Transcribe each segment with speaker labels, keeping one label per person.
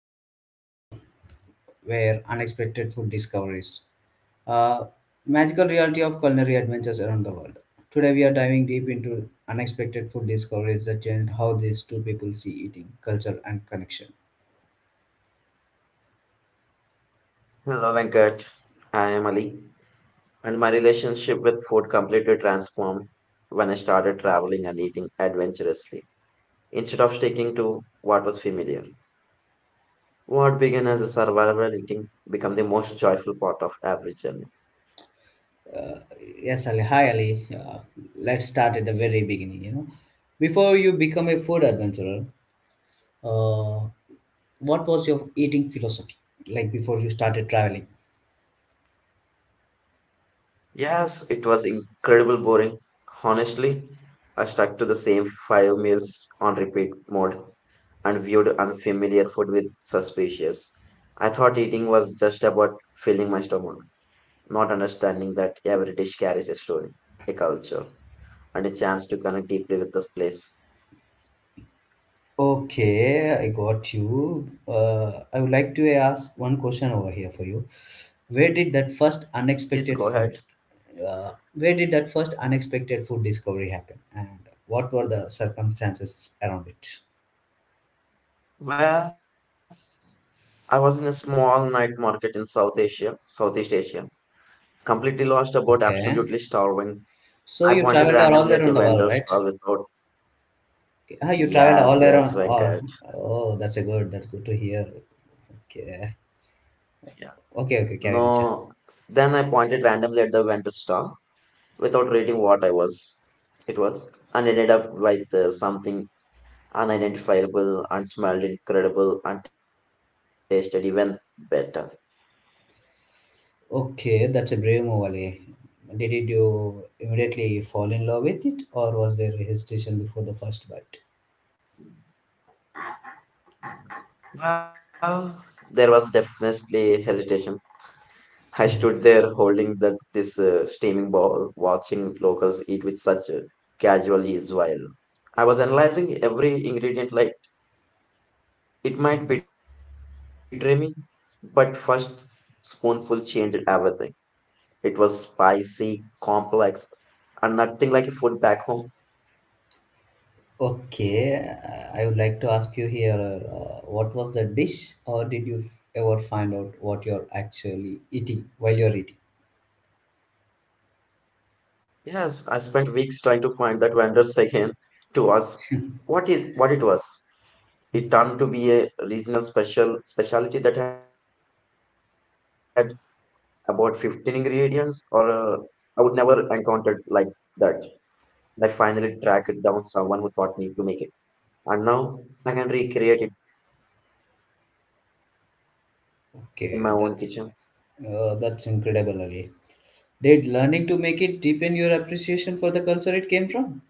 Speaker 1: stories, where unexpected food discoveries, uh, magical reality of culinary adventures around the world. Today, we are diving deep into unexpected food discoveries that changed how these two people see eating, culture, and connection.
Speaker 2: Hello, Venkat. I am Ali, and my relationship with food completely transformed when I started traveling and eating adventurously. Instead of sticking to what was familiar, what began as a survival eating became the most joyful part of every journey.
Speaker 1: Uh, yes, Ali. Hi, Ali. Let's start at the very beginning. You know, before you become a food adventurer, uh, what was your eating philosophy like before you started traveling?
Speaker 2: Yes, it was incredibly boring. Honestly, I stuck to the same five meals on repeat mode and viewed unfamiliar food with suspicious. I thought eating was just about filling my stomach not understanding that every dish carries a story, a culture, and a chance to connect deeply with this place.
Speaker 1: Okay, I got you. I would like to ask one question over here for you. Where did that first unexpected
Speaker 2: Please
Speaker 1: food,
Speaker 2: go ahead.
Speaker 1: where did that first unexpected food discovery happen, and what were the circumstances around it?
Speaker 2: Well, I was in a small night market in South Asia, Southeast Asia, completely lost about
Speaker 1: Okay,
Speaker 2: absolutely starving.
Speaker 1: so
Speaker 2: I
Speaker 1: you
Speaker 2: pointed
Speaker 1: traveled all
Speaker 2: randomly at a
Speaker 1: around the world,
Speaker 2: vendor
Speaker 1: right?
Speaker 2: stall without,
Speaker 1: Okay. Ah, you traveled all
Speaker 2: yes, yes,
Speaker 1: around. Oh,
Speaker 2: Venkat.
Speaker 1: oh, that's a good. That's good to hear. Okay,
Speaker 2: Yeah.
Speaker 1: okay, okay.
Speaker 2: No.
Speaker 1: Carry on.
Speaker 2: Then I pointed randomly at the vendor stall without reading what I was. It was, and ended up with something unidentifiable and smelled incredible and tasted even better.
Speaker 1: Okay, that's a brave move, Ali. Did it you immediately fall in love with it, or was there hesitation before the first bite?
Speaker 2: Well, there was definitely hesitation. I stood there holding this steaming ball, watching locals eat with such casual ease while I was analyzing every ingredient like it might betray me, but first spoonful changed everything. It was spicy, complex, and nothing like a food back home.
Speaker 1: Okay, I would like to ask you here, what was the dish, or did you ever find out what you're actually eating while you're eating?
Speaker 2: Yes, I spent weeks trying to find that vendors again to ask what it was. It turned to be a regional special specialty that had about 15 ingredients or I would never encountered like that. I finally tracked down someone who taught me to make it. And now I can recreate it in my own kitchen.
Speaker 1: Okay, that's incredible, Ali. Did learning to make it deepen your appreciation for the culture it came from?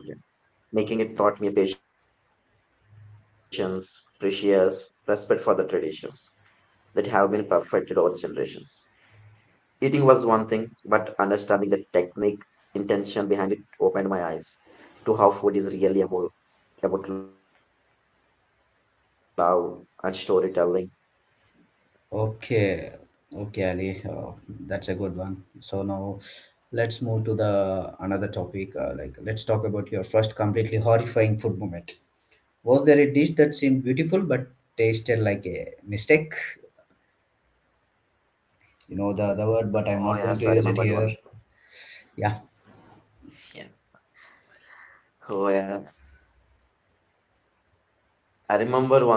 Speaker 2: Absolutely, absolutely. Making it taught me patience, precious, respect for the traditions that have been perfected over generations. Eating was one thing, but understanding the technique, intention behind it opened my eyes to how food is really about love and storytelling.
Speaker 1: Okay, okay, Ali, that's a good one. So now let's move to the another topic. Like, let's talk about your first completely horrifying food moment. Was there a dish that seemed beautiful but tasted like a mistake? You know the word, but I'm not going to
Speaker 2: Oh
Speaker 1: use it
Speaker 2: yes, I
Speaker 1: here.
Speaker 2: remembered one.
Speaker 1: Yeah.
Speaker 2: Yeah. Oh yeah, I remember one thing.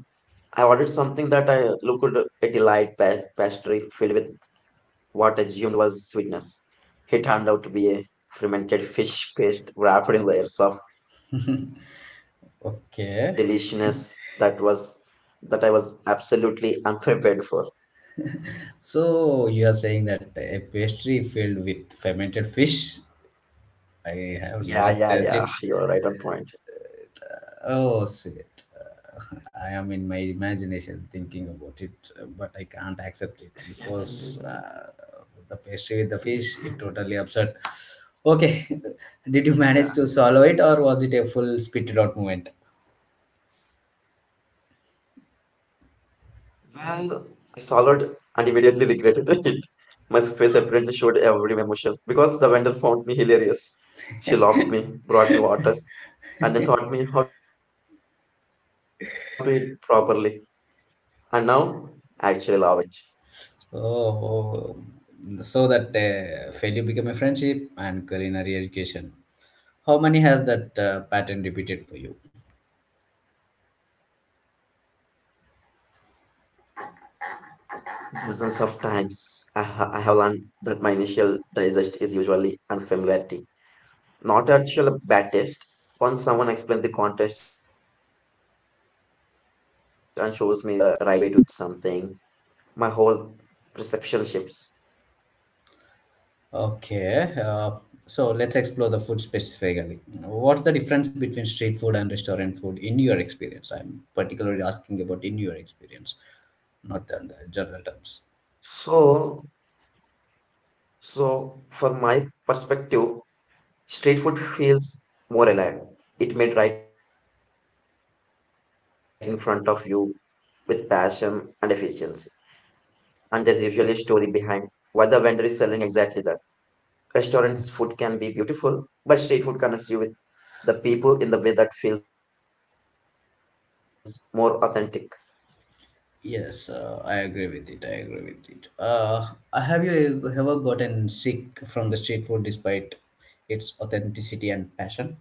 Speaker 2: I ordered something that I looked a delight pastry filled with what I assumed was sweetness. It turned out to be a fermented fish paste wrapped in layers of
Speaker 1: Okay.
Speaker 2: deliciousness that I was absolutely unprepared for.
Speaker 1: So you are saying that a pastry filled with fermented fish. I have never tasted it.
Speaker 2: Yeah, yeah, yeah. You're right on
Speaker 1: Oh,
Speaker 2: point.
Speaker 1: shit. I am in my imagination thinking about it, but I can't accept it because, the pastry with the fish, it totally upset. Okay, did you manage to swallow it or was it a
Speaker 2: yeah.
Speaker 1: full spit it out moment?
Speaker 2: Well, I swallowed and immediately regretted it. My face apparently showed every emotion because the vendor found me hilarious. She laughed me, brought me water, and then taught me how to eat properly. And now I actually love it.
Speaker 1: Oh, oh. So that, failure became a friendship and culinary education. How many has that, pattern repeated for you?
Speaker 2: Dozens of times I have learned that my initial digest is usually unfamiliarity, not actual bad taste. Once someone explains the context and shows me the right way to eat something, my whole perception shifts.
Speaker 1: Okay, so let's explore the food specifically. What's the difference between street food and restaurant food in your experience? I'm particularly asking about in your experience, not in the general terms.
Speaker 2: So, so from my perspective, street food feels more alive. It made right in front of you with passion and efficiency. And there's usually a story behind why the vendor is selling exactly that. Restaurants' food can be beautiful, but street food connects you with the people in the way that feels more authentic.
Speaker 1: Yes, I agree with it. I agree with it. Have you ever gotten sick from the street food despite its authenticity and passion?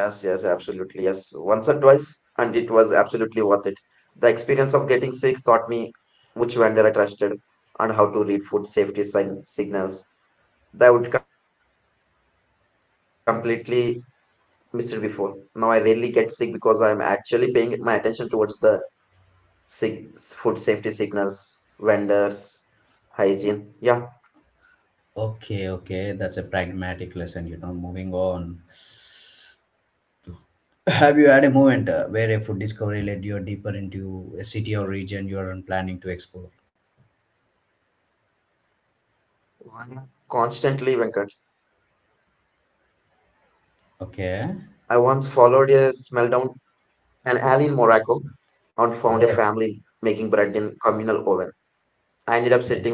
Speaker 2: Yes, yes, absolutely. Yes, once or twice, and it was absolutely worth it. The experience of getting sick taught me which vendor I trusted and how to read food safety signals that I would completely missed before. Now I rarely get sick because I am actually paying my attention towards the six food safety signals, vendors, hygiene. Yeah,
Speaker 1: Okay, okay, that's a pragmatic lesson, you know, moving on. Have you had a moment, where a food discovery led you deeper into a city or region you are planning to explore?
Speaker 2: one constantly, Venkat.
Speaker 1: Okay.
Speaker 2: I once followed a smell down an alley in Morocco
Speaker 1: Oh,
Speaker 2: and found a family making bread in communal oven.
Speaker 1: okay.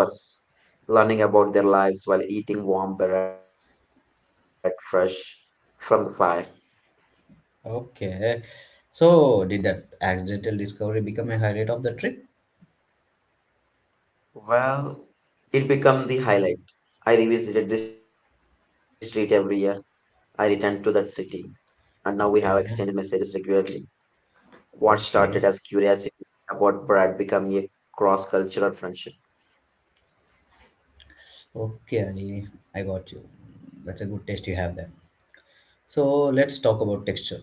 Speaker 2: I ended up sitting with them for hours, learning about their lives while eating warm bread fresh from the fire.
Speaker 1: Okay. So, did that accidental discovery become a highlight of the trip?
Speaker 2: Well, it became the highlight. I revisited this street every year. I returned to that city
Speaker 1: Okay.
Speaker 2: and now we have exchanged messages regularly.
Speaker 1: Okay.
Speaker 2: What started as curiosity about Brad became a cross cultural friendship.
Speaker 1: Okay, Ali, I got you. That's a good taste you have there. So, let's talk about texture.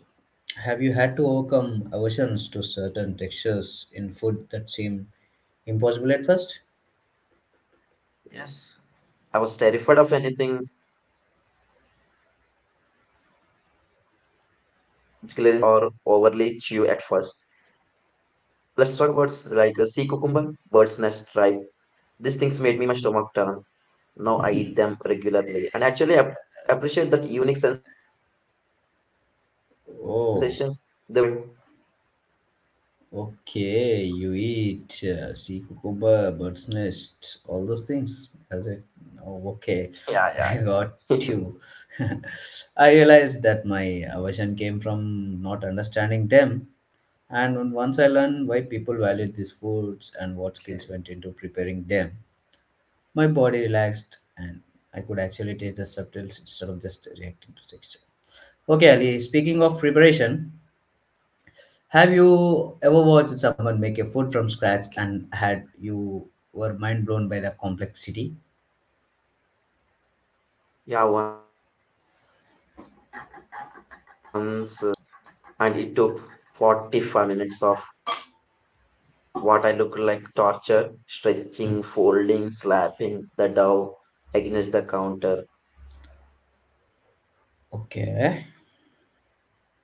Speaker 1: Have you had to overcome aversions to certain textures in food that seem impossible at first?
Speaker 2: Yes. I was terrified of anything glaringly or overly chew at first. Let's talk about like a sea cucumber, bird's nest tripe. These things made me my stomach turn. Now I eat them regularly and actually appreciate that unique sensations they bring.
Speaker 1: Oh, okay, you eat, sea cucumber, bird's nest, all those things. As it,
Speaker 2: Yeah, yeah.
Speaker 1: oh, okay,
Speaker 2: yeah,
Speaker 1: I got you. I realized that my aversion came from not understanding them, and once I learned why people valued these foods and what skills went into preparing them, my body relaxed and I could actually taste the subtles instead of just reacting to texture. Okay, Ali, speaking of preparation, have you
Speaker 2: okay.
Speaker 1: ever watched someone make a food from scratch and had you were mind blown by the complexity?
Speaker 2: Yeah, once I watched someone makes hand pulled noodles once, and it took 45 minutes of what I look like torture, stretching, folding, slapping the dough against the counter before this impossibly thin,
Speaker 1: Okay.
Speaker 2: perfect noodles arrived.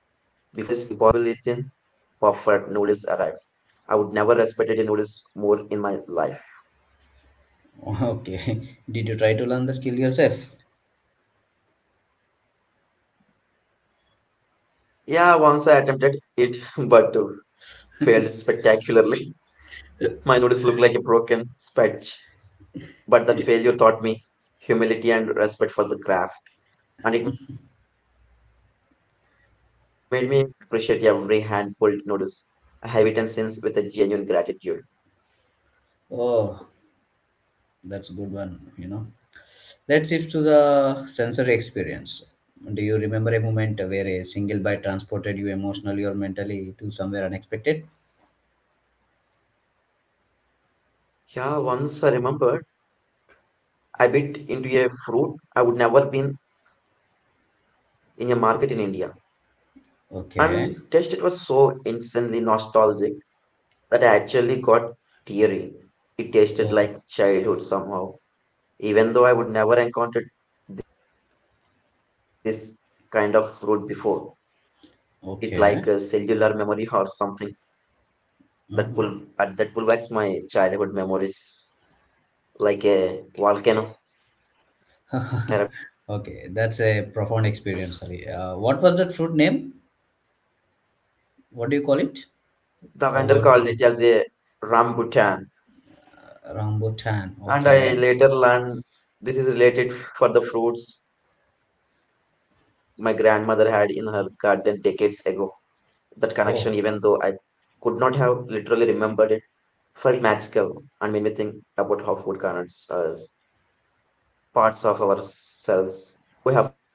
Speaker 2: I would never respected a noodles more in my life.
Speaker 1: Okay. Did you try to learn the skill yourself?
Speaker 2: Yeah, once I attempted it, but failed spectacularly. My noodles look like a broken spatch. But that failure taught me humility and respect for the craft, and it made me appreciate every hand pulled noodles I have eaten since with a genuine gratitude.
Speaker 1: Oh, that's a good one, you know. Let's shift to the sensory experience. Do you remember a moment where a single bite transported you emotionally or mentally to somewhere unexpected?
Speaker 2: Yeah, once I remembered I bit into a fruit I would never been in a market in India. And taste it was so
Speaker 1: Okay.
Speaker 2: insanely nostalgic that I actually got teary. It tasted like
Speaker 1: Oh,
Speaker 2: childhood somehow, even though I would never encountered this kind of fruit before. It like a cellular memory or
Speaker 1: okay.
Speaker 2: something that pull but that
Speaker 1: Mhm.
Speaker 2: pull backs my childhood memories like a volcano erupts.
Speaker 1: Okay, that's a profound experience. Sorry. What was that fruit name?
Speaker 2: The
Speaker 1: What do
Speaker 2: vendor
Speaker 1: you call
Speaker 2: called
Speaker 1: it?
Speaker 2: it as a
Speaker 1: Or what do they?
Speaker 2: rambutan, and I
Speaker 1: Rambutan.
Speaker 2: later
Speaker 1: Okay.
Speaker 2: learned this is related for the fruits my grandmother had in her garden decades ago. That connection, even though I could not
Speaker 1: Oh,
Speaker 2: have literally remembered it, felt magical and made me think about how food connects us, parts of ourselves we have forgotten.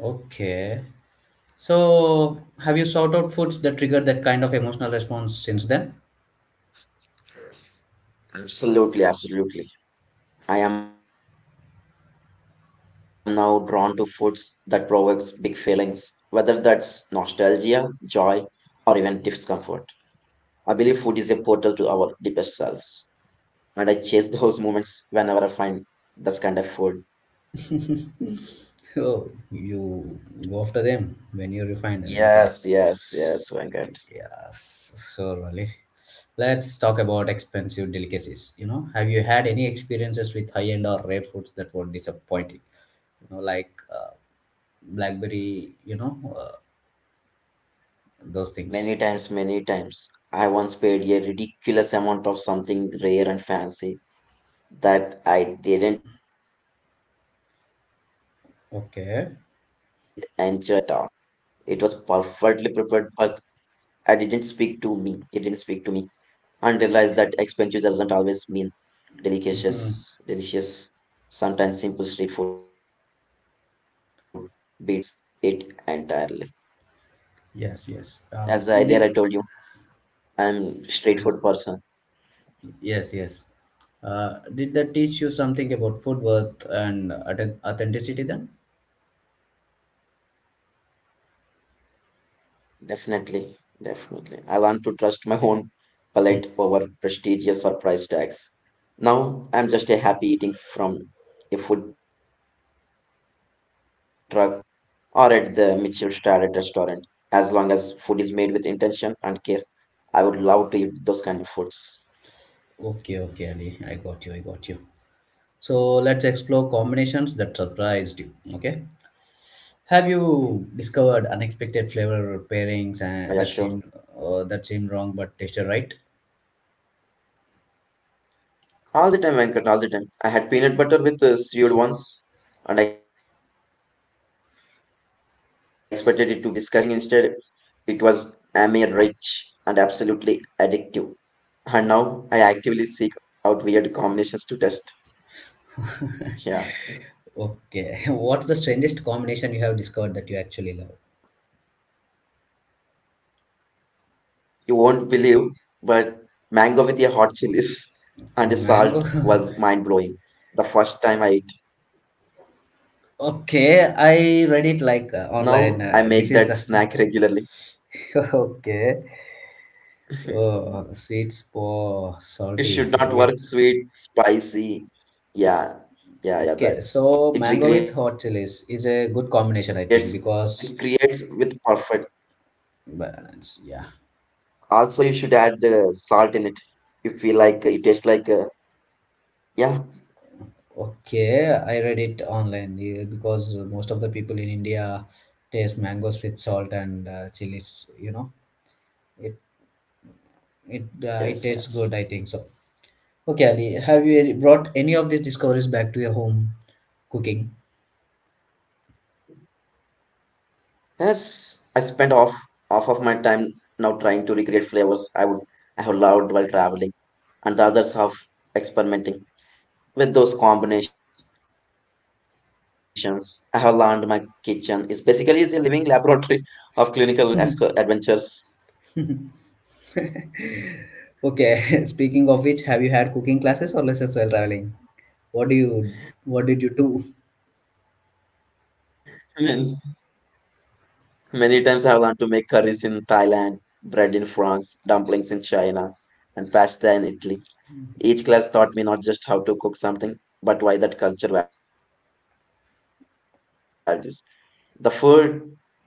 Speaker 1: okay. So, have you sought out foods that trigger that kind of emotional response since then?
Speaker 2: Absolutely, absolutely. I am now drawn to foods that provokes big feelings, whether that's nostalgia, joy, or even discomfort. I believe food is a portal to our deepest selves, and I chase those moments whenever I find this kind of food. Yeah.
Speaker 1: Oh, you go after them when you refine them. Okay.
Speaker 2: Yes, yes, yes, Venkat.
Speaker 1: Yes, surely. Let's talk about expensive delicacies. You know, have you had any experiences with high end or rare foods that were disappointing? You know, like,
Speaker 2: Yeah, I well,
Speaker 1: blackberry. You
Speaker 2: many,
Speaker 1: know, those things.
Speaker 2: many times, many times. I once paid a ridiculous amount of something rare and fancy that I didn't enjoy at all. It was perfectly
Speaker 1: Okay.
Speaker 2: prepared, but I didn't speak to me. It didn't speak to me. And realized that expensive doesn't always mean delicious. Sometimes simple street food beats it entirely. As earlier I told you,
Speaker 1: Yes, yes.
Speaker 2: I'm
Speaker 1: Did
Speaker 2: street food person.
Speaker 1: Yes, yes. Did that teach you something about food worth and authenticity then?
Speaker 2: Definitely, definitely. I learned to trust my own palate over prestigious or price tags. Now I'm just a happy eating from a food truck or at the Mitchell Starrett restaurant. As long as food is made with intention and care, I would love to eat those kind of foods.
Speaker 1: Okay, okay, Ali. I got you. I got you. So let's explore combinations that surprised you. Okay. Have you
Speaker 2: Yeah, yeah,
Speaker 1: discovered
Speaker 2: sure.
Speaker 1: unexpected flavor pairings and that seemed, that seemed wrong but tasted right?
Speaker 2: All the time, Venkat, all the time. I had peanut butter with seaweed once and expected it to be disgusting. Instead, it was ammy rich and absolutely addictive. And now I actively seek out weird combinations to test. Yeah.
Speaker 1: Okay. What's the strangest combination you have discovered that you actually love?
Speaker 2: You won't believe, but mango with your hot chilies. And the salt was mind
Speaker 1: Mango.
Speaker 2: blowing the first time I ate. Now I make that
Speaker 1: Okay,
Speaker 2: snack
Speaker 1: I read it
Speaker 2: regularly.
Speaker 1: like, online. This is
Speaker 2: It
Speaker 1: okay. Oh,
Speaker 2: should
Speaker 1: sweet
Speaker 2: not work
Speaker 1: for
Speaker 2: sweet,
Speaker 1: salty with
Speaker 2: spicy. Yeah, yeah, yeah. That's it.
Speaker 1: okay.
Speaker 2: Recreates
Speaker 1: So mango
Speaker 2: it
Speaker 1: with
Speaker 2: creates
Speaker 1: hot
Speaker 2: with
Speaker 1: chilies is
Speaker 2: perfect.
Speaker 1: a good combination, I think, because
Speaker 2: Also, you should add
Speaker 1: balance. Yeah.
Speaker 2: salt in it. You feel you taste like yeah,
Speaker 1: Okay, I read it online, yeah, because most of the people in India taste mangoes with salt and, chilies. You know, it
Speaker 2: yes, yes,
Speaker 1: it it tastes good. I think so. Okay, Ali, have you brought any of these discoveries back to your home cooking?
Speaker 2: yes. I spend off half of my time now trying to recreate flavors I have loved while traveling. And the others have experimenting with those combinations. I have learned my kitchen is basically is a living laboratory of clinical adventures.
Speaker 1: Okay, speaking of which, have you had cooking classes or lessons while traveling? What do you what did you
Speaker 2: Means
Speaker 1: do?
Speaker 2: many times I have learned to make curries in Thailand, bread in France, dumplings in China, and pasta in Italy. Each class taught me not just how to cook something, but why that culture values the food and how it fits into their lives.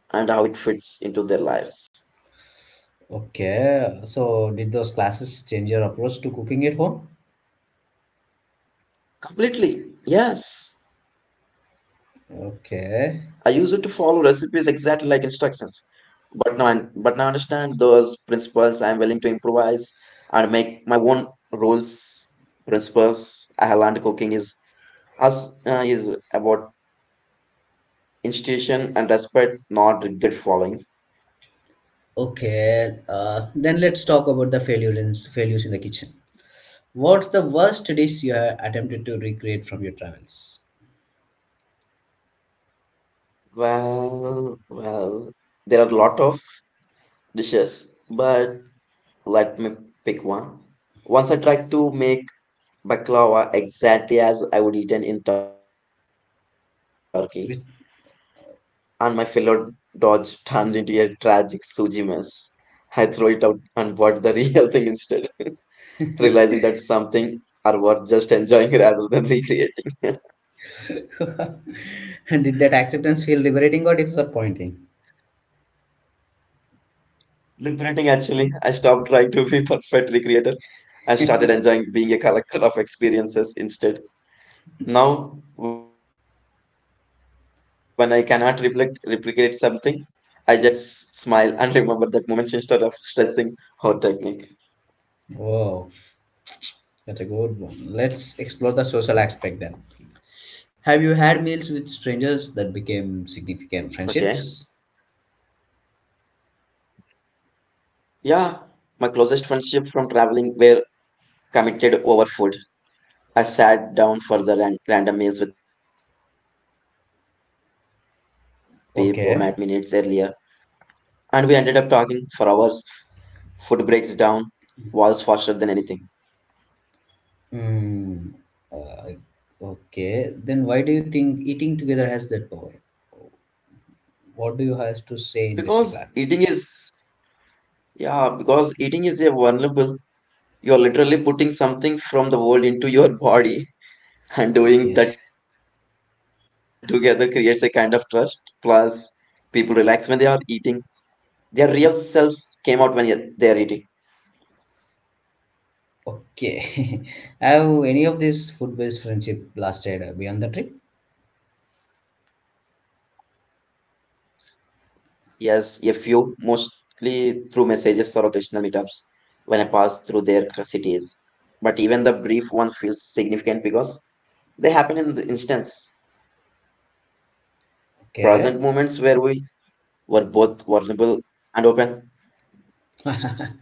Speaker 1: Okay, so did those classes change your approach to cooking at home?
Speaker 2: Completely. Yes. I used to follow recipes exactly like
Speaker 1: Okay.
Speaker 2: instructions. But now I understand those principles. I'm willing to improvise and make my own rules, principles. I have learned cooking is about institution and respect, not regret following.
Speaker 1: Okay, then let's talk about the failures in, failures in the kitchen. What's the worst dish you have attempted to recreate from your travels?
Speaker 2: Well, well, there are a lot of dishes, but let me pick one. Once I tried to make baklava exactly as I would eaten in Turkey,
Speaker 1: It-
Speaker 2: and my fellow dodge turned into a tragic suji mess. I threw it out and bought the real thing instead, realizing that something are worth just enjoying rather than recreating.
Speaker 1: And did that acceptance feel liberating or disappointing?
Speaker 2: Liberating actually, I stopped trying to be perfect recreator and started enjoying being a collector of experiences instead. Now, when I cannot reflect, replicate something, I just smile and remember that moment instead of stressing or technique.
Speaker 1: Oh, that's a good one. Let's explore the social aspect then. Have you had meals with
Speaker 2: Okay.
Speaker 1: strangers that became significant friendships?
Speaker 2: Yeah, my closest friendship from traveling were committed over food. I sat down for the random meals with people I met minutes earlier, and we ended up
Speaker 1: Okay.
Speaker 2: talking for hours. Food breaks down walls faster than anything
Speaker 1: Mm, uh, okay, then why do you think eating together has that power? What do you have to say in
Speaker 2: because
Speaker 1: this regard?
Speaker 2: eating is a vulnerable. You're literally putting something from the world into your body, and
Speaker 1: Okay,
Speaker 2: doing that together creates a kind of trust. Plus, people relax when they are eating. Their real selves came out when they are eating.
Speaker 1: okay. Have any of these food-based friendship lasted, beyond the trip?
Speaker 2: Yes, a few, mostly through messages or occasional meetups when I pass through their cities. But even the brief one feels significant because they happen in the instance, present moments where we were both
Speaker 1: Okay.
Speaker 2: vulnerable and open.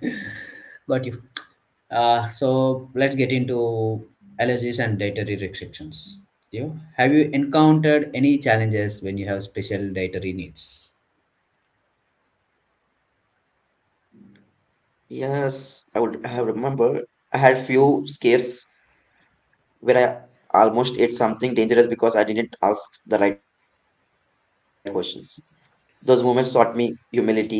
Speaker 1: Got you. So let's get into allergies and dietary restrictions. You have you encountered any challenges when you have special dietary needs?
Speaker 2: Yes, I would have remembered. I had few scares where I almost ate something dangerous because I didn't ask the right questions. Those moments taught me humility and importance of advocating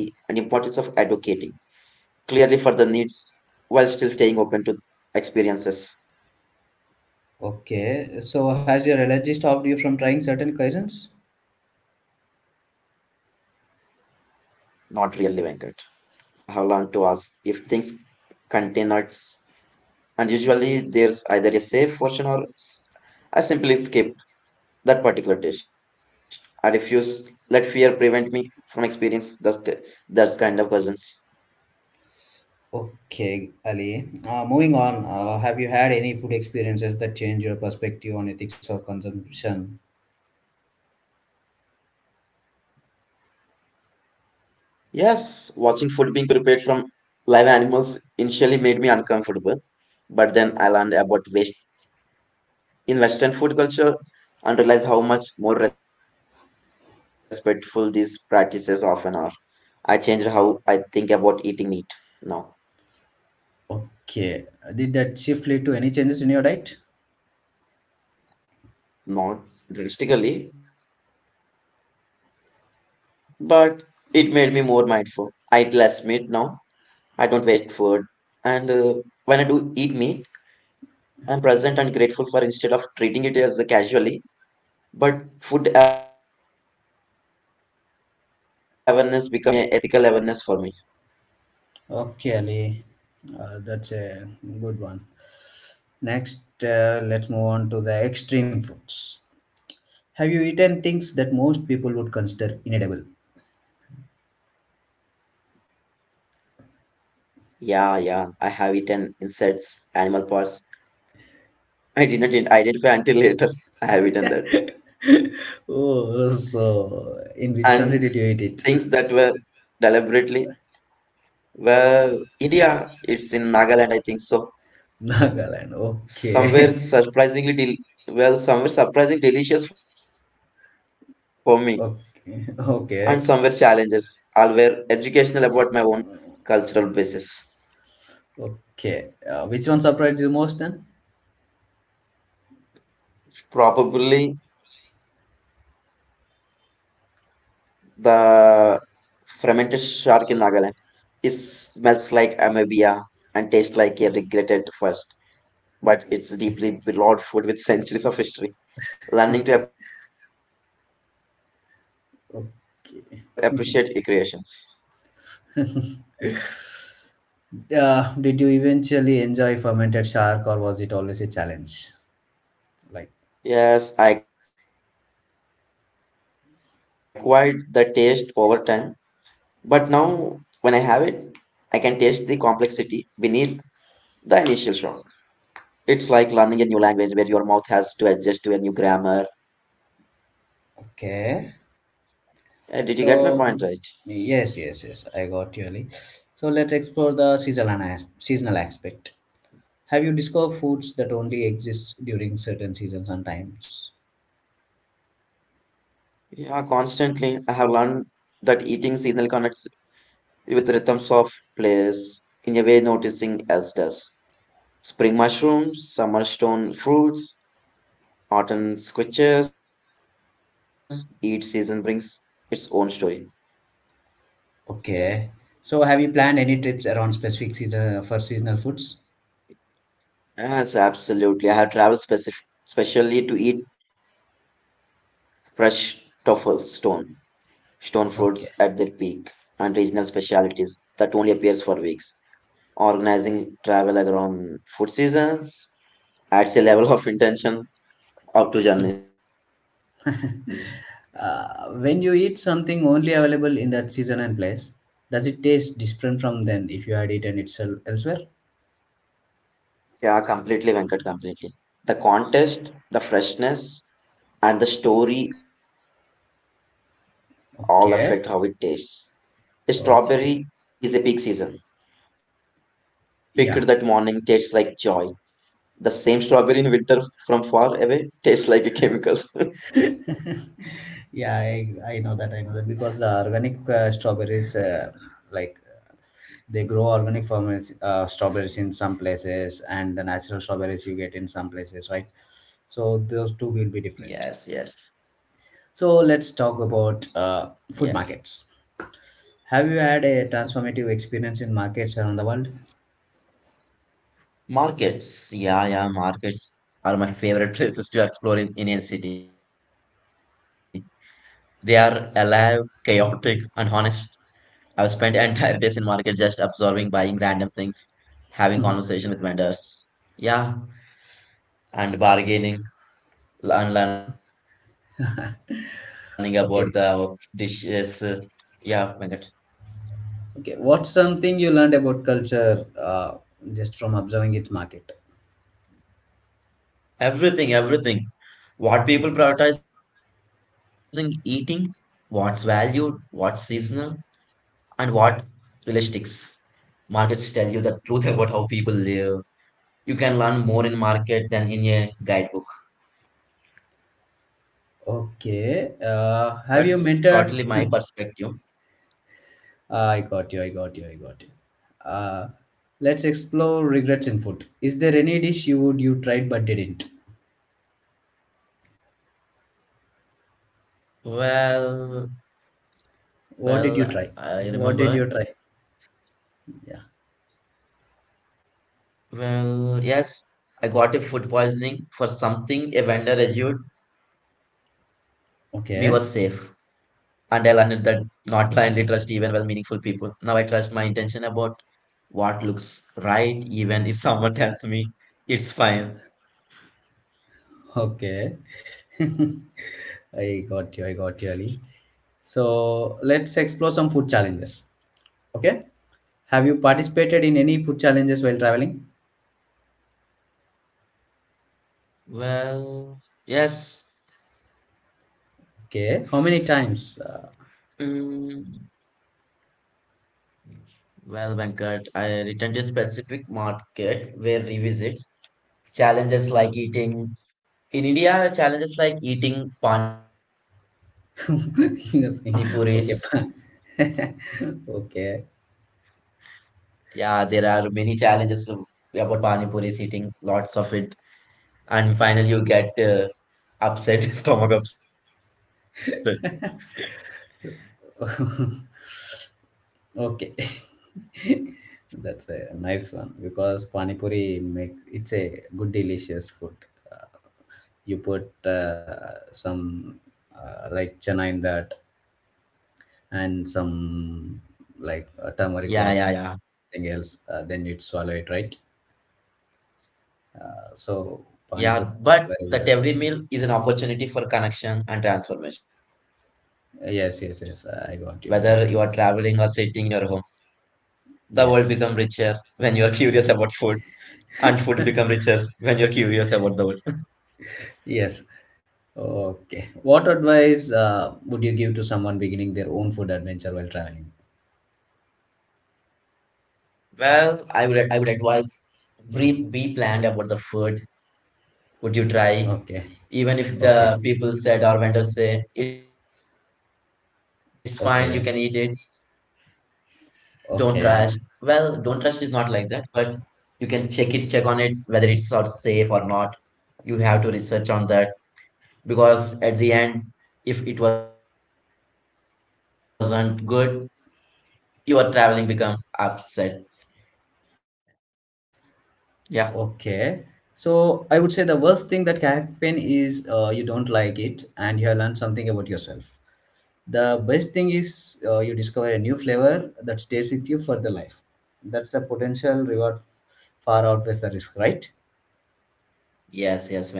Speaker 2: clearly for the needs while still staying open to experiences,
Speaker 1: Okay, so has your allergy stopped you from trying certain cuisines?
Speaker 2: not really Venkat. I have learned to ask if things contain nuts and usually there's either a safe version or I simply skip that particular dish. I refuse. Let fear prevent me from experience those that kind of cousins.
Speaker 1: Okay, Ali. Moving on, have you had any food experiences that change your perspective on ethics of consumption?
Speaker 2: Yes, watching food being prepared from live animals initially made me uncomfortable, but then I learned about waste in Western food culture and realized how much more respectful these practices often are. I changed how I think about eating meat now.
Speaker 1: Okay, did that shift lead to any changes in your diet?
Speaker 2: Not drastically, but it made me more mindful. I eat less meat now I don't waste food. And when I do eat meat, I'm present and grateful for instead of treating it as a casually. But food awareness become a ethical awareness for me.
Speaker 1: Okay, Ali, that's a good one. Next, let's move on to the extreme foods. Have you eaten things that most people would consider inedible?
Speaker 2: Yeah, yeah. I have eaten insects, animal parts. I did not identify until later. I have eaten that.
Speaker 1: Oh,
Speaker 2: And
Speaker 1: so
Speaker 2: things that
Speaker 1: in which
Speaker 2: were
Speaker 1: country did you eat it?
Speaker 2: deliberately well India it's in Nagaland I think so.
Speaker 1: Nagaland.
Speaker 2: Somewhere
Speaker 1: Okay.
Speaker 2: surprisingly, well, somewhere surprisingly delicious for me, and somewhere
Speaker 1: Okay.
Speaker 2: challenges, all
Speaker 1: Okay.
Speaker 2: were educational about my own cultural basis.
Speaker 1: Okay. Which one surprised you most then?
Speaker 2: Probably the fermented shark in Nagaland. It smells like amebia and tastes like a regretted first, but it's deeply beloved
Speaker 1: Okay.
Speaker 2: food with centuries of history. Learning to appreciate it meant learning to a question my automatic
Speaker 1: Okay.
Speaker 2: digest recreations.
Speaker 1: Did you eventually enjoy fermented shark or was it always a challenge? Like,
Speaker 2: Yes, I acquired the taste over time, but now when I have it, I can taste the complexity beneath the initial shock. It's like learning a new language where your mouth has to adjust to a new grammar. Did you get my point right?
Speaker 1: okay. So yes, yes, yes, I got you, Ali. So let's explore the seasonal seasonal aspect. Have you discovered foods that only exist during certain seasons and times?
Speaker 2: Yeah, constantly I have learned that eating seasonally connects with rhythms of place in a way noticing else does. Spring mushrooms, summer stone fruits, autumn switches, each season brings its own story.
Speaker 1: Okay. So have you planned any trips around specific season for seasonal foods?
Speaker 2: Yes, absolutely. I have traveled specially to eat fresh toffles, stone fruits at their peak,
Speaker 1: Okay.
Speaker 2: and regional specialities that only appears for weeks. Organizing travel around food seasons adds a level of intention up to journeys.
Speaker 1: When you eat something only available in that season and place, does it taste different from then if you had eaten it elsewhere?
Speaker 2: Yeah, completely, Venkat, completely. The contest, the freshness, and the story all affect how it tastes.
Speaker 1: Okay.
Speaker 2: Strawberry is a peak season.
Speaker 1: Okay.
Speaker 2: Picked that morning tastes like
Speaker 1: Yeah.
Speaker 2: joy. The same strawberry in winter from far away tastes like a chemicals.
Speaker 1: Yeah, I know that. I know that because the organic, strawberries, like, they grow organic farmers, strawberries in some places and the natural strawberries you get in some places, right? So
Speaker 2: Yes,
Speaker 1: those two
Speaker 2: yes,
Speaker 1: will be different. So let's
Speaker 2: yes.
Speaker 1: talk about, food markets. Have you had a transformative experience in markets around the world?
Speaker 2: Markets. Yeah, yeah, markets are my favorite places to explore in Indian city. They are alive, chaotic, and honest. I've spent entire days in market just absorbing, buying random things, having conversation with vendors. Yeah, and bargaining. And learning about the dishes. Yeah,
Speaker 1: Okay,
Speaker 2: Venkat.
Speaker 1: okay, what's something you learned about culture, just from observing its market?
Speaker 2: Everything, everything. What people prioritizing eating, what's valued, what's seasonal, and what realistics. Markets tell you the truth about how people live. You can learn more in market than in a guidebook. That's
Speaker 1: Okay,
Speaker 2: totally my
Speaker 1: have you
Speaker 2: perspective.
Speaker 1: met a, I got you. I got you. I got you. Uh, let's explore regrets in food. Is there any dish you would you tried but didn't?
Speaker 2: Well, well, I
Speaker 1: What did you try?
Speaker 2: remember.
Speaker 1: What did you try? Yeah.
Speaker 2: Well, yes, I got a food poisoning for something a vendor issued me was safe. And I
Speaker 1: Okay.
Speaker 2: learned that not blindly trust even well meaningful people. Now I trust my intention about what looks right, even if someone tells me it's fine.
Speaker 1: Okay. I got you. I got you, Ali. So let's explore some food challenges. Okay. Have you participated in any food challenges while traveling?
Speaker 2: Well, yes.
Speaker 1: Okay. How many
Speaker 2: Mm,
Speaker 1: times?
Speaker 2: well, Venkat, I returned to a specific market where revisits challenges like eating in India, challenges like eating pani puris.
Speaker 1: Yes. Okay. Okay.
Speaker 2: Yeah, there are many challenges about Pani Puri eating lots of it, and finally you get upset, stomach upset.
Speaker 1: Okay. That's a nice one because pani puri make it's a good delicious food. Uh, you put, some, like chana in that
Speaker 2: Yeah, yeah,
Speaker 1: and
Speaker 2: yeah,
Speaker 1: some like, turmeric water thing else, then you swallow it, right?
Speaker 2: yeah. But
Speaker 1: So
Speaker 2: that every
Speaker 1: pani puri
Speaker 2: meal is an
Speaker 1: very good.
Speaker 2: opportunity for connection and transformation. Whether you are traveling or
Speaker 1: Yes, yes,
Speaker 2: sitting
Speaker 1: yes.
Speaker 2: in your
Speaker 1: I
Speaker 2: home,
Speaker 1: got you. I got you.
Speaker 2: the world become richer when you are curious
Speaker 1: Yes.
Speaker 2: about food, and food become richer when you are curious about the world.
Speaker 1: Yes. Okay. What advice, would you give to someone beginning their own food adventure while traveling?
Speaker 2: Well, I would advise be planned about the food would you try? Even
Speaker 1: Okay.
Speaker 2: if the people
Speaker 1: Okay,
Speaker 2: said or vendors say it's fine, you can eat it,
Speaker 1: okay,
Speaker 2: don't trash. Well, don't trash is not like that,
Speaker 1: okay,
Speaker 2: but you can check it, check on it whether it's or safe or not. You have to research on that because at the end, if it wasn't good, your traveling become upset. Yeah.
Speaker 1: okay. So I would say the worst thing that can happen is, you don't like it and you have learned something about yourself. The best thing is, you discover a new flavor that stays with you for the life. That's the potential reward far outweighs the risk, right?
Speaker 2: Yes, yes, Venkat, yes.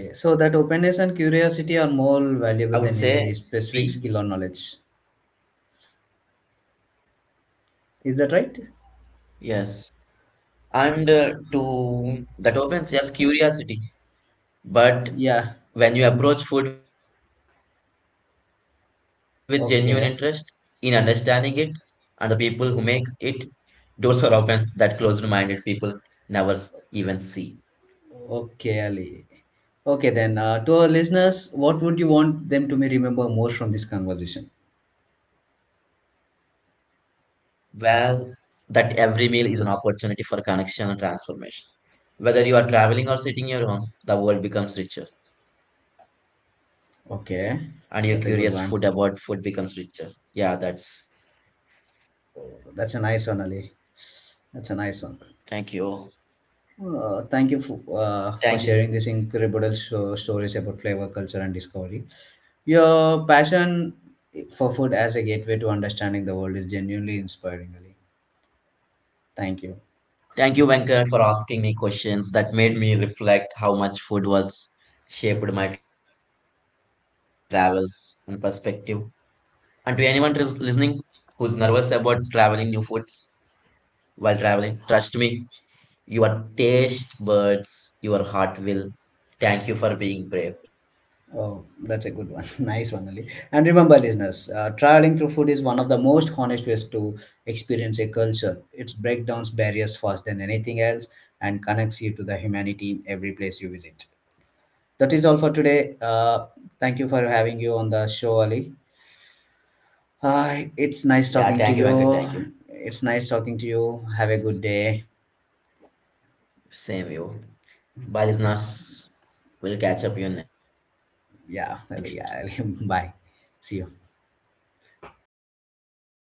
Speaker 2: I would
Speaker 1: so that
Speaker 2: say
Speaker 1: openness and
Speaker 2: be
Speaker 1: curiosity are more valuable than any specific skill or knowledge. Is that
Speaker 2: yes.
Speaker 1: right?
Speaker 2: And to that opens yes curiosity, but when you
Speaker 1: Yeah,
Speaker 2: approach food with genuine interest in understanding it and the people who
Speaker 1: okay.
Speaker 2: make it, doors are open that closed minded people never even see.
Speaker 1: Okay, Ali. Okay, then, to our listeners, what would you want them to me remember most from this conversation?
Speaker 2: Well, that every meal is an opportunity for connection and transformation. Whether you are traveling or sitting your home, the world becomes richer and your curious food about food
Speaker 1: Okay,
Speaker 2: becomes richer.
Speaker 1: that's a good
Speaker 2: Yeah,
Speaker 1: one.
Speaker 2: that's
Speaker 1: That's a nice one, Ali. That's a nice
Speaker 2: thank
Speaker 1: one.
Speaker 2: you.
Speaker 1: Uh, thank you for,
Speaker 2: Thank
Speaker 1: uh,
Speaker 2: you.
Speaker 1: for sharing these incredible stories about flavor, culture, and discovery. Your passion for food as a gateway to understanding the world is genuinely inspiring, Ali.
Speaker 2: Thank
Speaker 1: Thank
Speaker 2: you,
Speaker 1: you.
Speaker 2: Venkat, for asking me questions that made me reflect how much food was shaped my travels and perspective. And to anyone listening who's nervous about traveling new foods while traveling, trust me, your taste buds, your heart will. Thank you for being brave.
Speaker 1: Oh, that's a good one. Nice one, Ali. And remember, listeners, traveling through food is one of the most honest ways to experience a culture. It breaks down barriers faster than anything else and connects you to the humanity in every place you visit. That is all for today. Thank you for having you on the show, Ali.
Speaker 2: Yeah, thank you, Venkat. Thank you.
Speaker 1: It's nice talking to you. It's nice
Speaker 2: S-
Speaker 1: talking to you. Have a good day.
Speaker 2: Same you. Bye, listeners. We'll catch up you next.
Speaker 1: Yeah, Ali. Yeah, Ali. Bye. See you.
Speaker 2: Bye. See.